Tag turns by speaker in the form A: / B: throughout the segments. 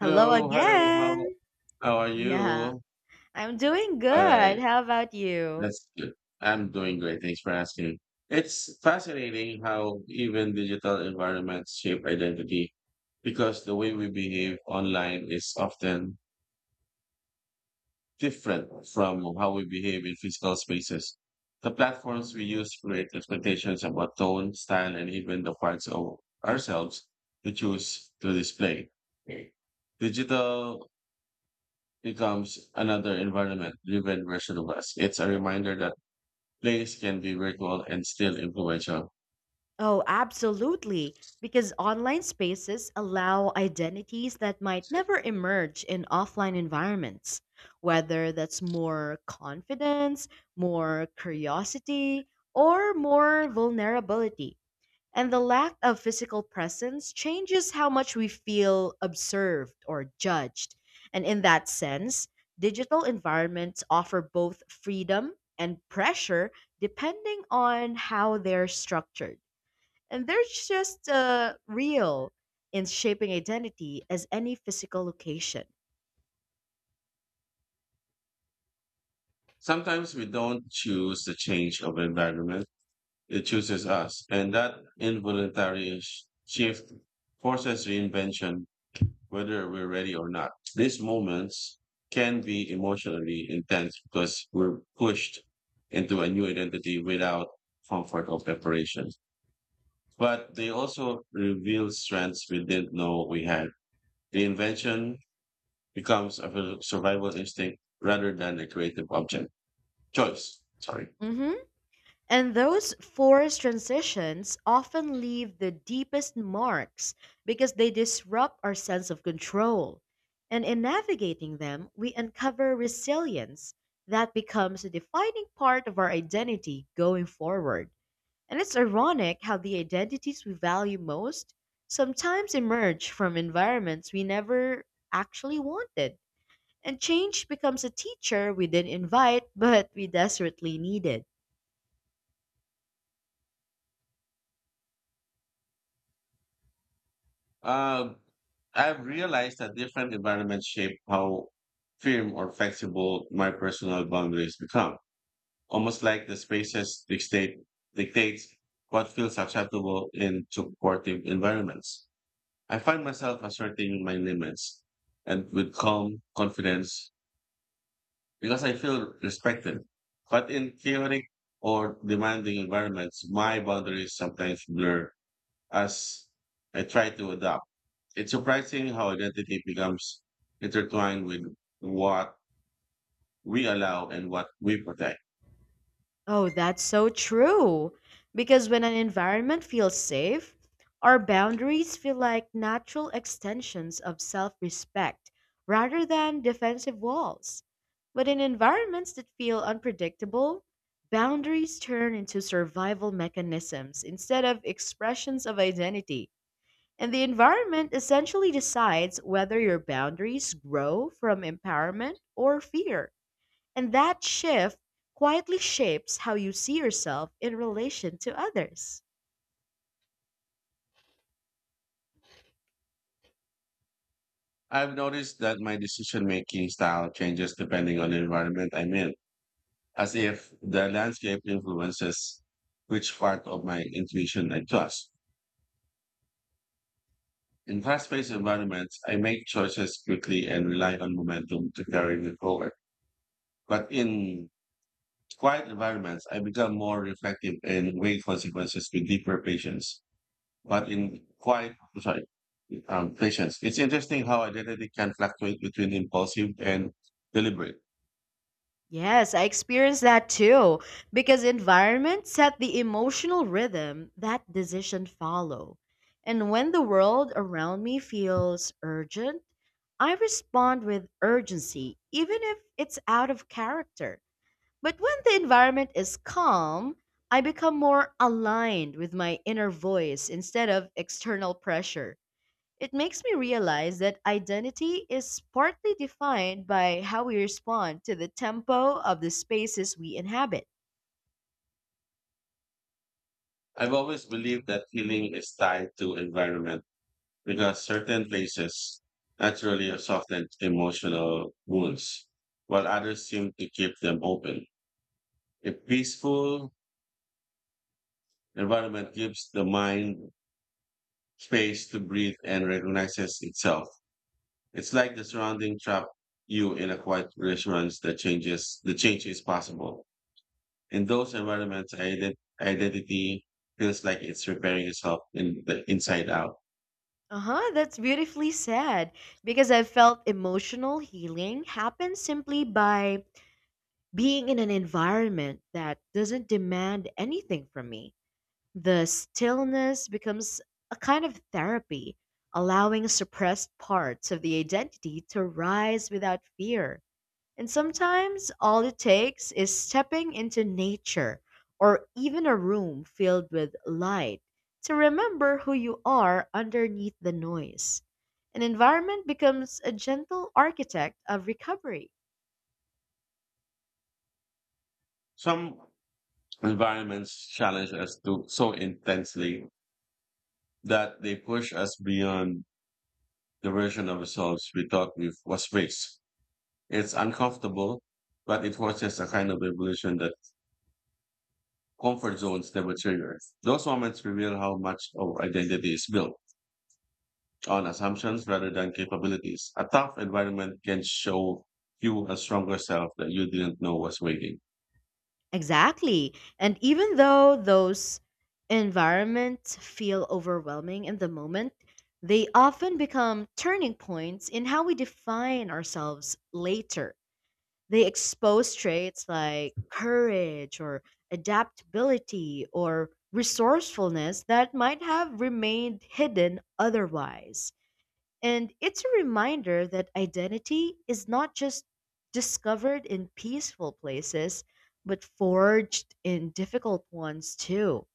A: Hello
B: hello, how
A: again.
B: how are
A: Yeah,
B: you?
A: I'm doing
B: All right,
A: good. How about you?
B: that's good. I'm doing great. Thanks for asking. It's fascinating how even digital environments shape identity because the way we behave online is often different from how we behave in physical spaces. The platforms we use create expectations about tone, style, and even the parts of ourselves we choose to display. Digital becomes another environment driven version of us. It's a reminder that plays can be virtual and still influential.
A: Oh, absolutely. Because online spaces allow identities that might never emerge in offline environments, whether that's more confidence, more curiosity, or more vulnerability. And the lack of physical presence changes how much we feel observed or judged. And in that sense, digital environments offer both freedom and pressure depending on how they're structured. And they're just real in shaping identity as any physical location.
B: Sometimes we don't choose the change of environment, it chooses us. And that involuntary shift forces reinvention, whether we're ready or not. These moments can be emotionally intense because we're pushed into a new identity without comfort or preparation. But they also reveal strengths we didn't know we had. The invention becomes a survival instinct rather than a creative object. Choice. Sorry.
A: hmm And those forced transitions often leave the deepest marks because they disrupt our sense of control. And in navigating them, we uncover resilience that becomes a defining part of our identity going forward. And it's ironic how the identities we value most sometimes emerge from environments we never actually wanted. And change becomes a teacher we didn't invite, but we desperately needed.
B: Uh, I've realized that different environments shape how firm or flexible my personal boundaries become. Almost like the spaces dictates what feels acceptable in supportive environments. I find myself asserting my limits and with calm confidence because I feel respected. But in chaotic or demanding environments, my boundaries sometimes blur as I try to adapt. It's surprising how identity becomes intertwined with what we allow and what we protect.
A: Oh, that's so true. Because when an environment feels safe, our boundaries feel like natural extensions of self respect rather than defensive walls. But in environments that feel unpredictable, boundaries turn into survival mechanisms instead of expressions of identity. And the environment essentially decides whether your boundaries grow from empowerment or fear. And that shift quietly shapes how you see yourself in relation to others.
B: I've noticed that my decision making style changes depending on the environment I'm in, as if the landscape influences which part of my intuition I trust. In fast paced environments, I make choices quickly and rely on momentum to carry me forward. But in quiet environments, I become more reflective and weigh consequences with deeper patience. But in quiet, sorry, patience, it's interesting how identity can fluctuate between impulsive and deliberate.
A: Yes, I experienced that too, because environment set the emotional rhythm that decision follow. And when the world around me feels urgent, I respond with urgency, even if it's out of character. But when the environment is calm, I become more aligned with my inner voice instead of external pressure. It makes me realize that identity is partly defined by how we respond to the tempo of the spaces we inhabit.
B: I've always believed that healing is tied to environment because certain places naturally soften emotional wounds, while others seem to keep them open. A peaceful environment gives the mind space to breathe and recognizes itself. It's like the surrounding trap you in a quiet reassurance that changes the change is possible. In those environments, identity feels like it's repairing itself in the inside out.
A: Uh huh, that's beautifully said because I felt emotional healing happens simply by being in an environment that doesn't demand anything from me. The stillness becomes a kind of therapy, allowing suppressed parts of the identity to rise without fear. And sometimes all it takes is stepping into nature or even a room filled with light to remember who you are underneath the noise. An environment becomes a gentle architect of recovery.
B: Some environments challenge us to so intensely that they push us beyond the version of ourselves we thought we was raised. It's uncomfortable, but it forces a kind of evolution that comfort zones never trigger. Those moments reveal how much our identity is built on assumptions rather than capabilities. A tough environment can show you a stronger self that you didn't know was waiting.
A: Exactly. And even though those environments feel overwhelming in the moment, they often become turning points in how we define ourselves later. They expose traits like courage or adaptability or resourcefulness that might have remained hidden otherwise. And it's a reminder that identity is not just discovered in peaceful places, but forged in difficult ones too.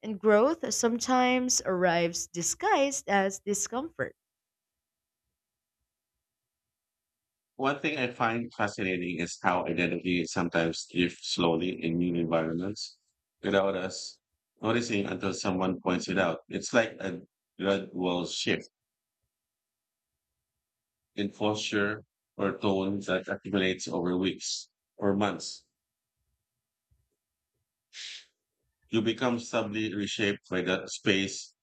A: And growth sometimes arrives disguised as discomfort.
B: One thing I find fascinating is how identity sometimes drifts slowly in new environments without us noticing until someone points it out. It's like a gradual shift in posture or tone that accumulates over weeks or months. You become subtly reshaped by the space,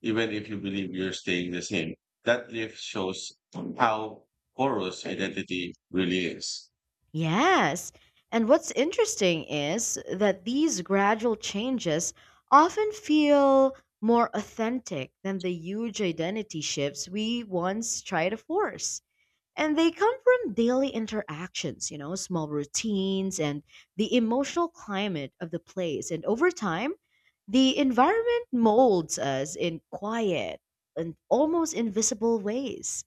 B: even if you believe you're staying the same. That lift shows how porous identity really is.
A: Yes. And what's interesting is that these gradual changes often feel more authentic than the huge identity shifts we once try to force. And they come from daily interactions, you know, small routines and the emotional climate of the place. And over time, the environment molds us in quiet and almost invisible ways.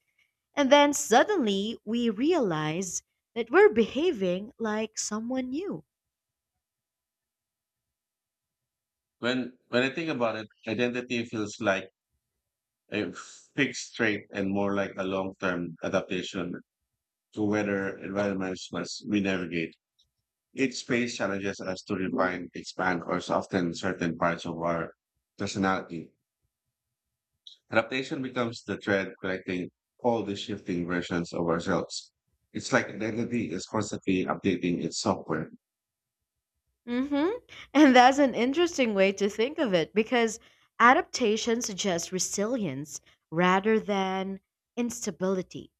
A: And then suddenly we realize that we're behaving like someone new.
B: When I think about it, identity feels like a fixed trait and more like a long-term adaptation to weather environments must we navigate. Each space challenges us to refine, expand, or soften certain parts of our personality. Adaptation becomes the thread connecting all the shifting versions of ourselves. It's like identity is constantly updating its software.
A: hmm And that's an interesting way to think of it because adaptation suggests resilience rather than instability.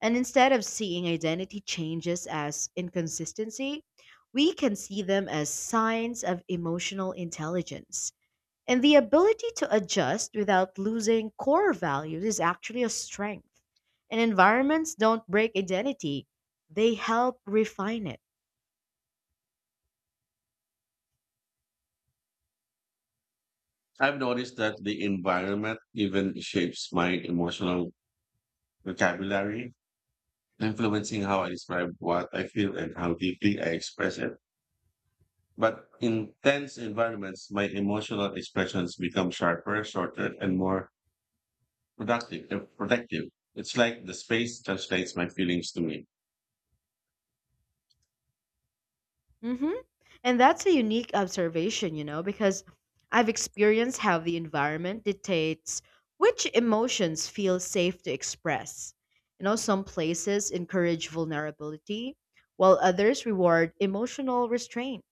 A: And instead of seeing identity changes as inconsistency, we can see them as signs of emotional intelligence. And the ability to adjust without losing core values is actually a strength. And environments don't break identity, they help refine it.
B: I've noticed that the environment even shapes my emotional vocabulary, influencing how I describe what I feel and how deeply I express it. But in tense environments, my emotional expressions become sharper, shorter, and more protective. It's like the space translates my feelings to me.
A: Mm-hmm. And that's a unique observation, you know, because I've experienced how the environment dictates which emotions feel safe to express. You know, some places encourage vulnerability, while others reward emotional restraint.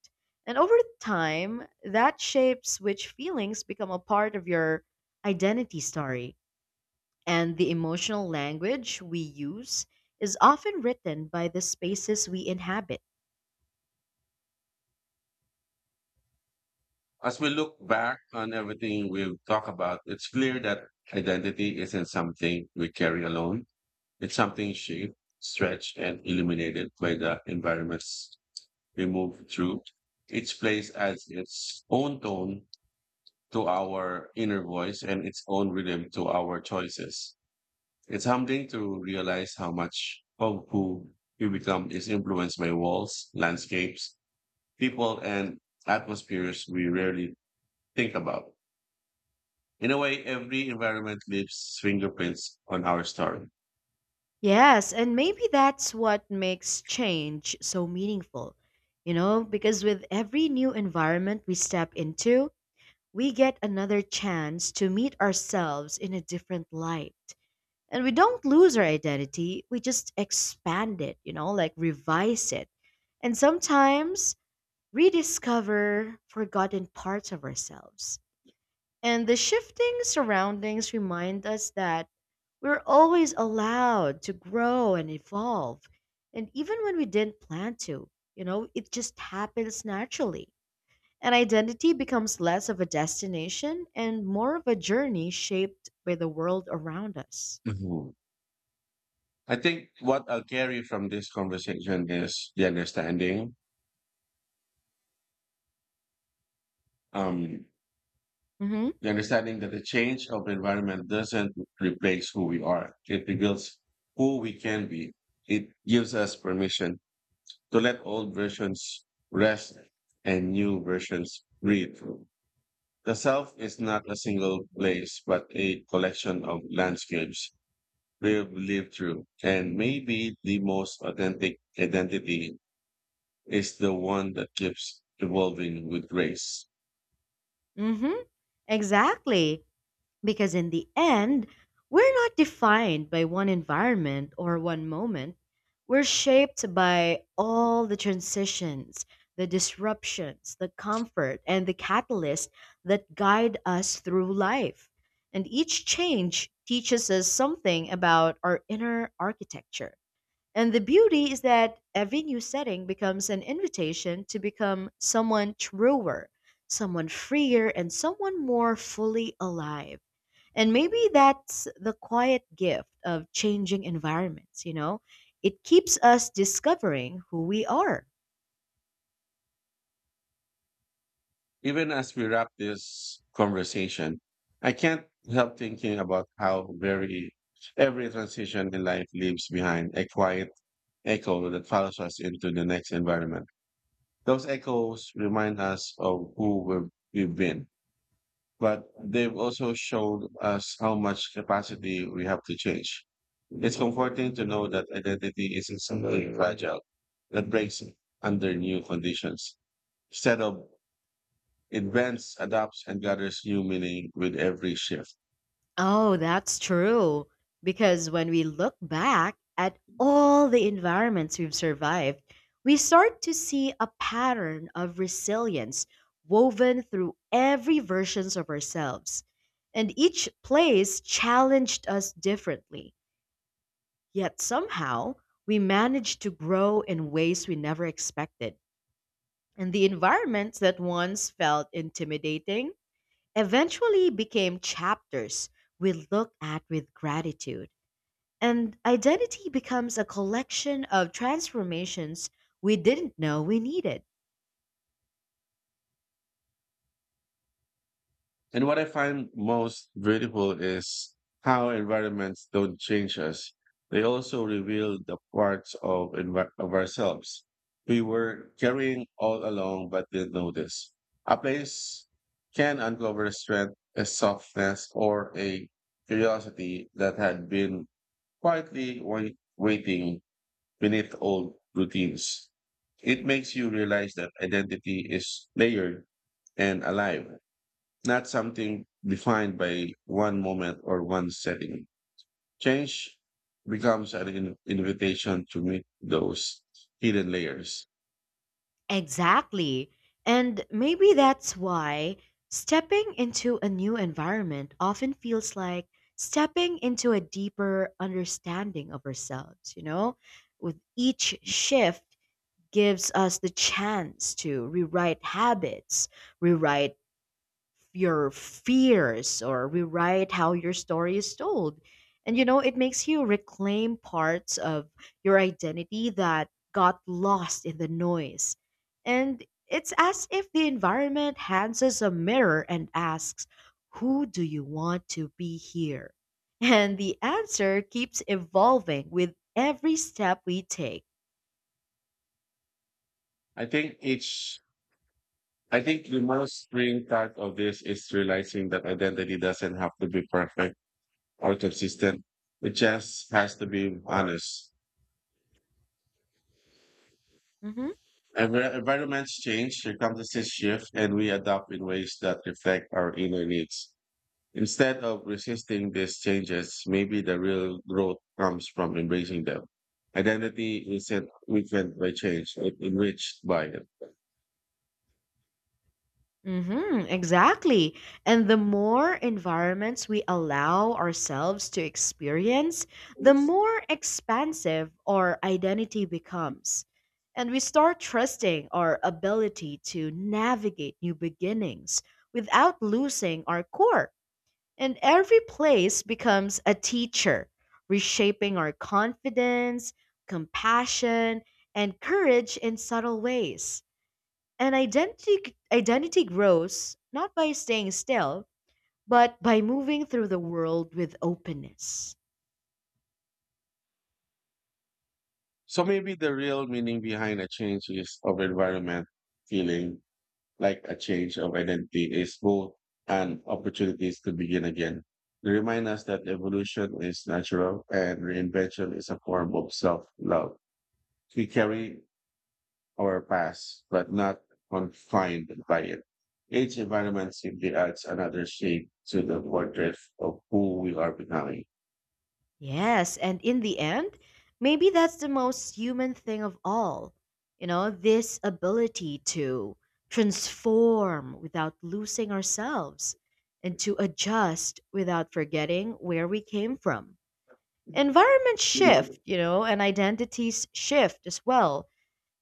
A: And over time, that shapes which feelings become a part of your identity story. And the emotional language we use is often written by the spaces we inhabit.
B: As we look back on everything we've talked about, it's clear that identity isn't something we carry alone. It's something shaped, stretched, and illuminated by the environments we move through. Each place adds its own tone to our inner voice and its own rhythm to our choices. It's humbling to realize how much of who we become is influenced by walls, landscapes, people, and atmospheres we rarely think about. In a way, every environment leaves fingerprints on our story.
A: Yes, and maybe that's what makes change so meaningful. You know, because with every new environment we step into, we get another chance to meet ourselves in a different light. And we don't lose our identity, we just expand it, you know, like revise it. And sometimes rediscover forgotten parts of ourselves. And the shifting surroundings remind us that we're always allowed to grow and evolve. And even when we didn't plan to, you know, it just happens naturally. And identity becomes less of a destination and more of a journey shaped by the world around us.
B: Mhm. I think what I'll carry from this conversation is the um,
A: Mm-hmm.
B: the understanding that the change of environment doesn't replace who we are. It reveals who we can be. It gives us permission to let old versions rest and new versions breathe. The South is not a single place, but a collection of landscapes we've lived through. And maybe the most authentic identity is the one that keeps evolving with grace.
A: Mm-hmm. Exactly. Because in the end, we're not defined by one environment or one moment. We're shaped by all the transitions, the disruptions, the comfort, and the catalyst that guide us through life. And each change teaches us something about our inner architecture. And the beauty is that every new setting becomes an invitation to become someone truer, someone freer, and someone more fully alive. And maybe that's the quiet gift of changing environments, you know? It keeps us discovering who we are.
B: Even as we wrap this conversation, I can't help thinking about how very every transition in life leaves behind a quiet echo that follows us into the next environment. Those echoes remind us of we've been, but they've also showed us how much capacity we have to change. It's comforting to know that identity isn't something fragile that breaks under new conditions. Instead of it bends, adapts, and gathers new meaning with every shift.
A: Oh, that's true. Because when we look back at all the environments we've survived, we start to see a pattern of resilience woven through every versions of ourselves. And each place challenged us differently. Yet somehow, we managed to grow in ways we never expected. And the environments that once felt intimidating eventually became chapters we look at with gratitude. And identity becomes a collection of transformations we didn't know we needed.
B: And what I find most beautiful is how environments don't change us. They also reveal the parts of ourselves we were carrying all along but didn't notice. A place can uncover a strength, a softness, or a curiosity that had been quietly waiting beneath old routines. It makes you realize that identity is layered and alive, not something defined by one moment or one setting. Change becomes an invitation to meet those hidden layers.
A: Exactly. And maybe that's why stepping into a new environment often feels like stepping into a deeper understanding of ourselves, you know? With each shift, gives us the chance to rewrite habits, rewrite your fears, or rewrite how your story is told. And you know, it makes you reclaim parts of your identity that got lost in the noise. And it's as if the environment hands us a mirror and asks, who do you want to be here? And the answer keeps evolving with every step we take.
B: I think each I think the most freeing part of this is realizing that identity doesn't have to be perfect or consistent. It just has to be honest.
A: Mhm.
B: Environments change, circumstances shift, and we adapt in ways that reflect our inner needs. Instead of resisting these changes, maybe the real growth comes from embracing them. Identity isn't weakened by change, it's enriched by it.
A: Mm-hmm, exactly. And the more environments we allow ourselves to experience, the more expansive our identity becomes. And we start trusting our ability to navigate new beginnings without losing our core. And every place becomes a teacher, reshaping our confidence, compassion, and courage in subtle ways. And identity grows not by staying still, but by moving through the world with openness.
B: So maybe the real meaning behind a change is of environment feeling like a change of identity is both and opportunities to begin again. They remind us that evolution is natural and reinvention is a form of self-love. We carry our past, but not confined by it. Each environment simply adds another shade to the portrait of who we are becoming.
A: Yes, and in the end, maybe that's the most human thing of all. You know, this ability to transform without losing ourselves and to adjust without forgetting where we came from. Environments shift, you know, and identities shift as well.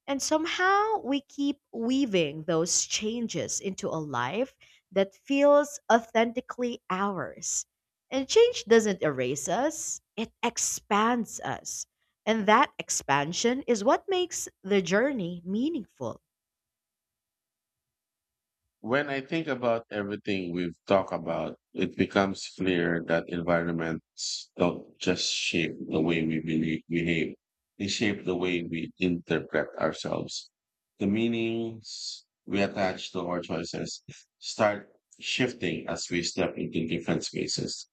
A: And somehow we keep weaving those changes into a life that feels authentically ours. And change doesn't erase us, it expands us. And that expansion is what makes the journey meaningful.
B: When I think about everything we've talked about, it becomes clear that environments don't just shape the way we believe, behave, they shape the way we interpret ourselves. The meanings we attach to our choices start shifting as we step into different spaces.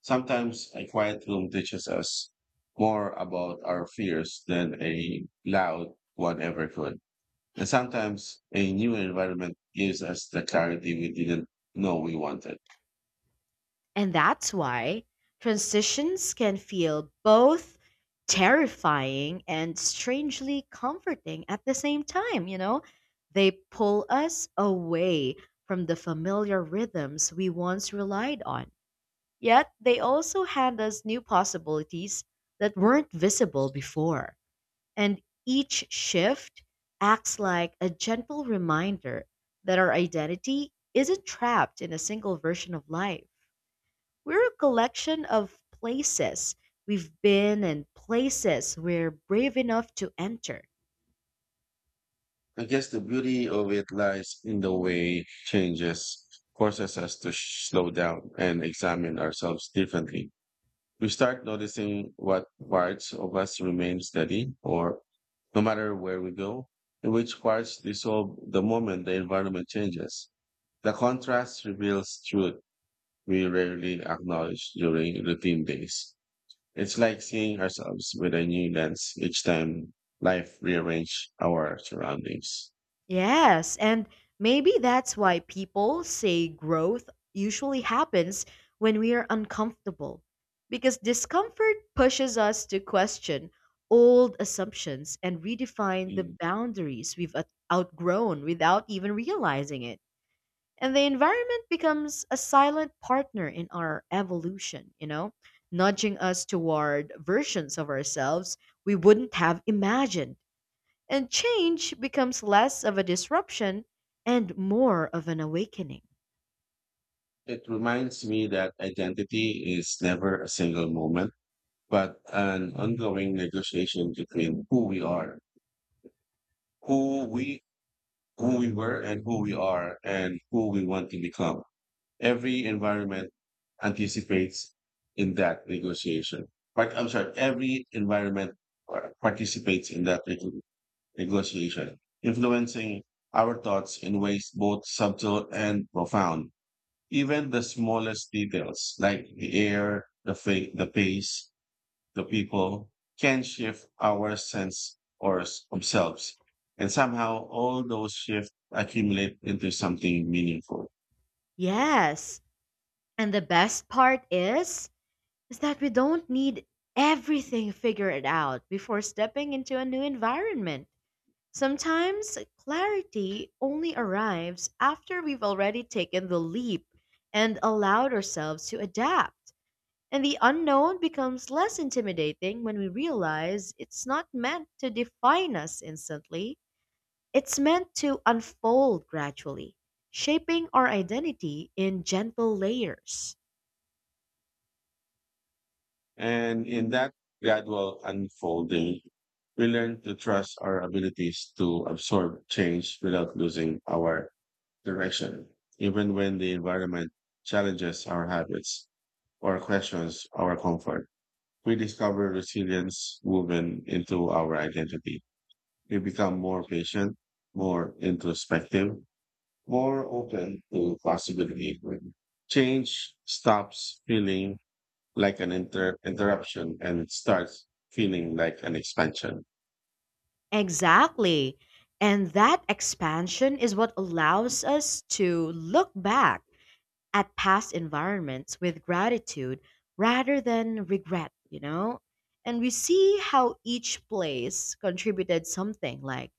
B: Sometimes a quiet room teaches us more about our fears than a loud one ever could, and sometimes a new environment gives us the clarity we didn't know we wanted.
A: And that's why transitions can feel both terrifying and strangely comforting at the same time, you know? They pull us away from the familiar rhythms we once relied on. Yet they also hand us new possibilities that weren't visible before. And each shift acts like a gentle reminder that our identity isn't trapped in a single version of life. We're a collection of places we've been and places we're brave enough to enter.
B: I guess the beauty of it lies in the way changes forces us to slow down and examine ourselves differently. We start noticing what parts of us remain steady or no matter where we go, and which parts dissolve the moment the environment changes. The contrast reveals truth we rarely acknowledge during routine days. It's like seeing ourselves with a new lens each time life rearranges our surroundings.
A: Yes, and maybe that's why people say growth usually happens when we are uncomfortable, because discomfort pushes us to question old assumptions and redefine the
B: Mm.
A: boundaries we've outgrown without even realizing it. And the environment becomes a silent partner in our evolution, you know, nudging us toward versions of ourselves we wouldn't have imagined. And change becomes less of a disruption and more of an awakening.
B: It reminds me that identity is never a single moment, but an ongoing negotiation between who we are, who we who we were and who we are and who we want to become. Every environment anticipates in that negotiation. But I'm sorry, every environment participates in that negotiation, influencing our thoughts in ways both subtle and profound. Even the smallest details, like the air, the pace, the people, can shift our sense of selves. And somehow all those shifts accumulate into something meaningful.
A: Yes. And the best part is that we don't need everything figured out before stepping into a new environment. Sometimes clarity only arrives after we've already taken the leap and allowed ourselves to adapt. And the unknown becomes less intimidating when we realize it's not meant to define us instantly. It's meant to unfold gradually, shaping our identity in gentle layers.
B: And in that gradual unfolding, we learn to trust our abilities to absorb change without losing our direction, even when the environment challenges our habits or questions our comfort. We discover resilience woven into our identity. We become more patient, more introspective, more open to possibility. Change stops feeling like an interruption and starts feeling like an expansion.
A: Exactly. And that expansion is what allows us to look back at past environments with gratitude rather than regret, you know? And we see how each place contributed something like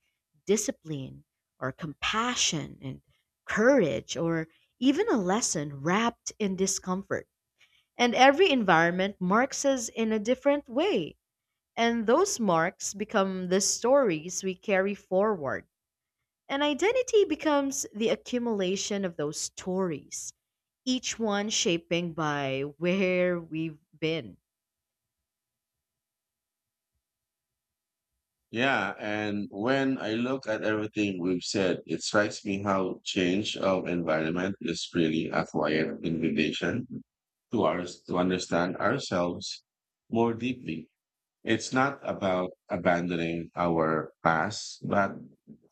A: discipline or compassion and courage or even a lesson wrapped in discomfort. And every environment marks us in a different way. And those marks become the stories we carry forward. And identity becomes the accumulation of those stories, each one shaping by where we've been.
B: Yeah, and when I look at everything we've said, it strikes me how change of environment is really a quiet invitation to us to understand ourselves more deeply. It's not about abandoning our past, but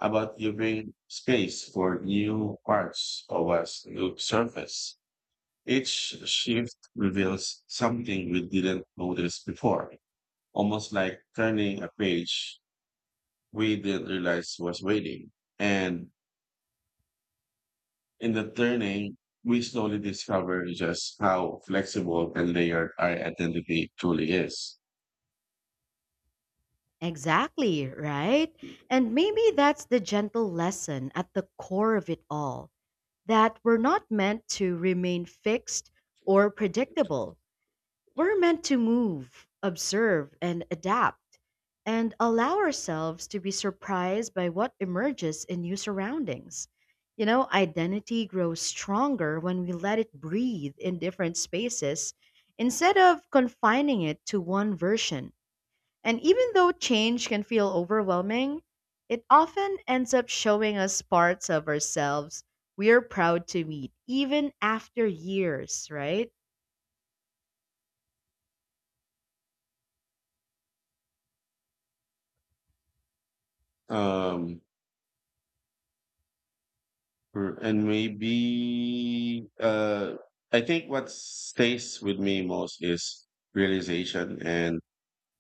B: about giving space for new parts of us to surface. Each shift reveals something we didn't notice before, almost like turning a page we didn't realize was waiting. And in the turning, we slowly discover just how flexible and layered our identity truly is.
A: Exactly, right? And maybe that's the gentle lesson at the core of it all that we're not meant to remain fixed or predictable. We're meant to move, observe, and adapt, and allow ourselves to be surprised by what emerges in new surroundings. You know, identity grows stronger when we let it breathe in different spaces instead of confining it to one version. And even though change can feel overwhelming, it often ends up showing us parts of ourselves we're proud to meet, even after years, right?
B: Um, r- and maybe, uh, I think what stays with me most is realization and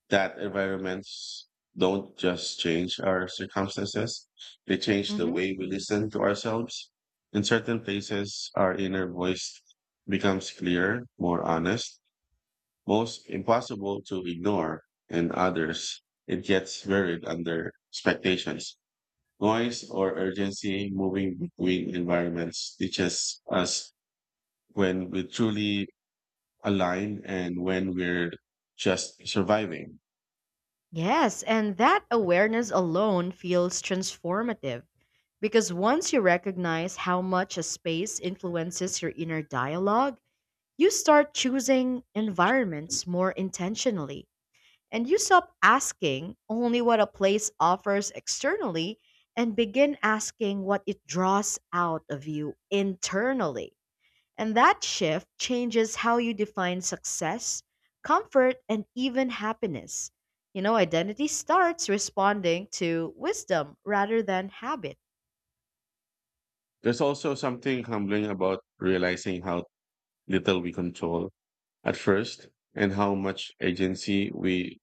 B: that environments don't just change our circumstances, they change the way we listen to ourselves. In certain places, our inner voice becomes clearer, more honest, most impossible to ignore, and others, it gets buried under expectations. Noise or urgency moving between environments teaches us when we truly align and when we're just surviving.
A: Yes, and that awareness alone feels transformative because once you recognize how much a space influences your inner dialogue, you start choosing environments more intentionally and you stop asking only what a place offers externally and begin asking what it draws out of you internally. And that shift changes how you define success, comfort, and even happiness. You know, identity starts responding to wisdom rather than habit.
B: There's also something humbling about realizing how little we control at first and how much agency we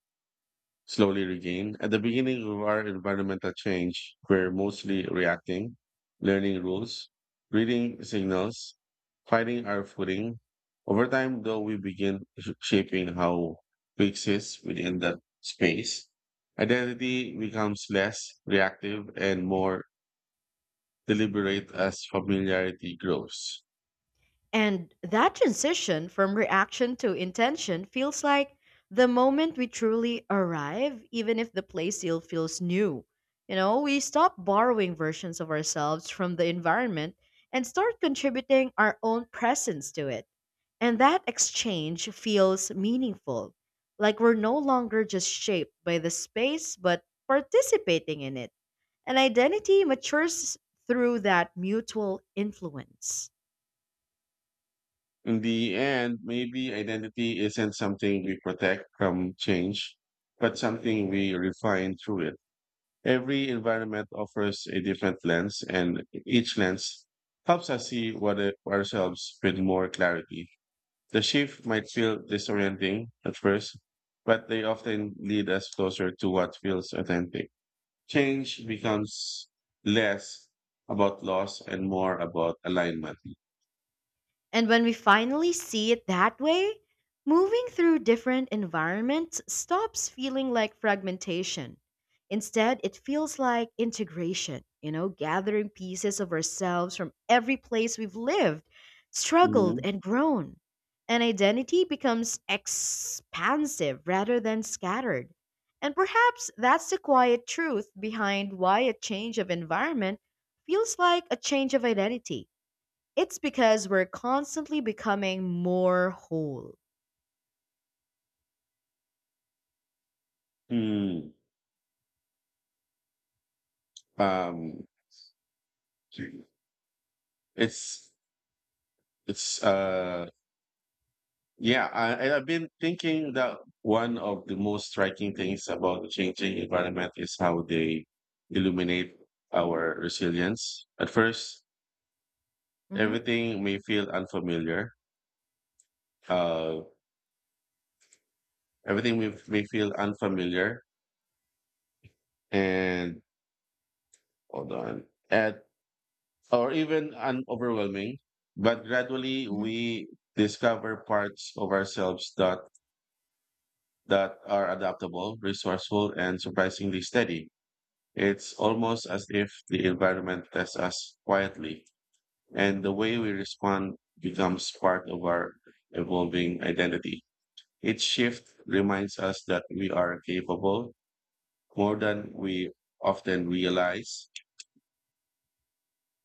B: slowly regain. At the beginning of our environmental change, we're mostly reacting, learning rules, reading signals, finding our footing. Over time, though, we begin shaping how we exist within that space. Identity becomes less reactive and more deliberate as familiarity grows.
A: And that transition from reaction to intention feels like the moment we truly arrive, even if the play still feels new. You know, we stop borrowing versions of ourselves from the environment and start contributing our own presence to it. And that exchange feels meaningful, like we're no longer just shaped by the space, but participating in it. And identity matures through that mutual influence.
B: In the end, maybe identity isn't something we protect from change, but something we refine through it. Every environment offers a different lens, and each lens helps us see ourselves with more clarity. The shift might feel disorienting at first, but they often lead us closer to what feels authentic. Change becomes less about loss and more about alignment.
A: And when we finally see it that way, moving through different environments stops feeling like fragmentation. Instead, it feels like integration, you know, gathering pieces of ourselves from every place we've lived, struggled, and
B: Mhm.
A: grown. And identity becomes expansive rather than scattered. And perhaps that's the quiet truth behind why a change of environment feels like a change of identity. It's because we're constantly becoming more whole.
B: Mm. Um, It's it's uh and I've been thinking that one of the most striking things about the changing environment is how they illuminate our resilience. At first,
A: hmm
B: everything may feel unfamiliar. Uh, Everything may feel unfamiliar and hold on, at or even un overwhelming. But gradually,
A: hmm
B: we discover parts of ourselves that are adaptable, resourceful, and surprisingly steady. It's almost as if the environment tests us quietly, and the way we respond becomes part of our evolving identity. Each shift reminds us that we are capable more than we often realize.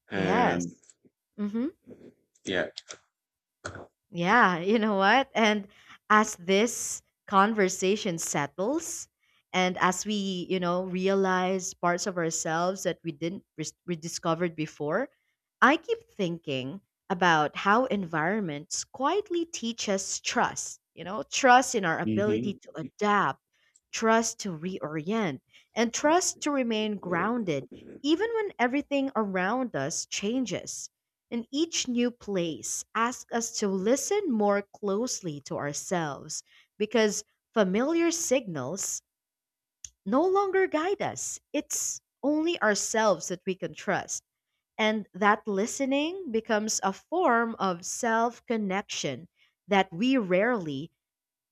B: And
A: Yes. hmm
B: yeah.
A: Yeah. You know what? And as this conversation settles, and as we, you know, realize parts of ourselves that we didn't we discovered before, I keep thinking about how environments quietly teach us trust. You know, trust in our ability
B: hmm
A: to adapt, trust to reorient, and trust to remain grounded even when everything around us changes. And each new place asks us to listen more closely to ourselves because familiar signals no longer guide us. It's only ourselves that we can trust. And that listening becomes a form of self connection that we rarely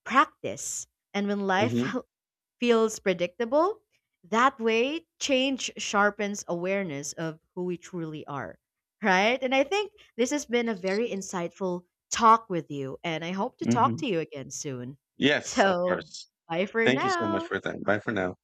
A: practice. And when life
B: hmm
A: feels predictable. That way, change sharpens awareness of who we truly are, right? And I think this has been a very insightful talk with you, and I hope to talk to
B: hmm
A: you again soon.
B: Yes, of
A: So,
B: course.
A: bye for
B: Thank you so much
A: now.
B: for your time. Bye for now.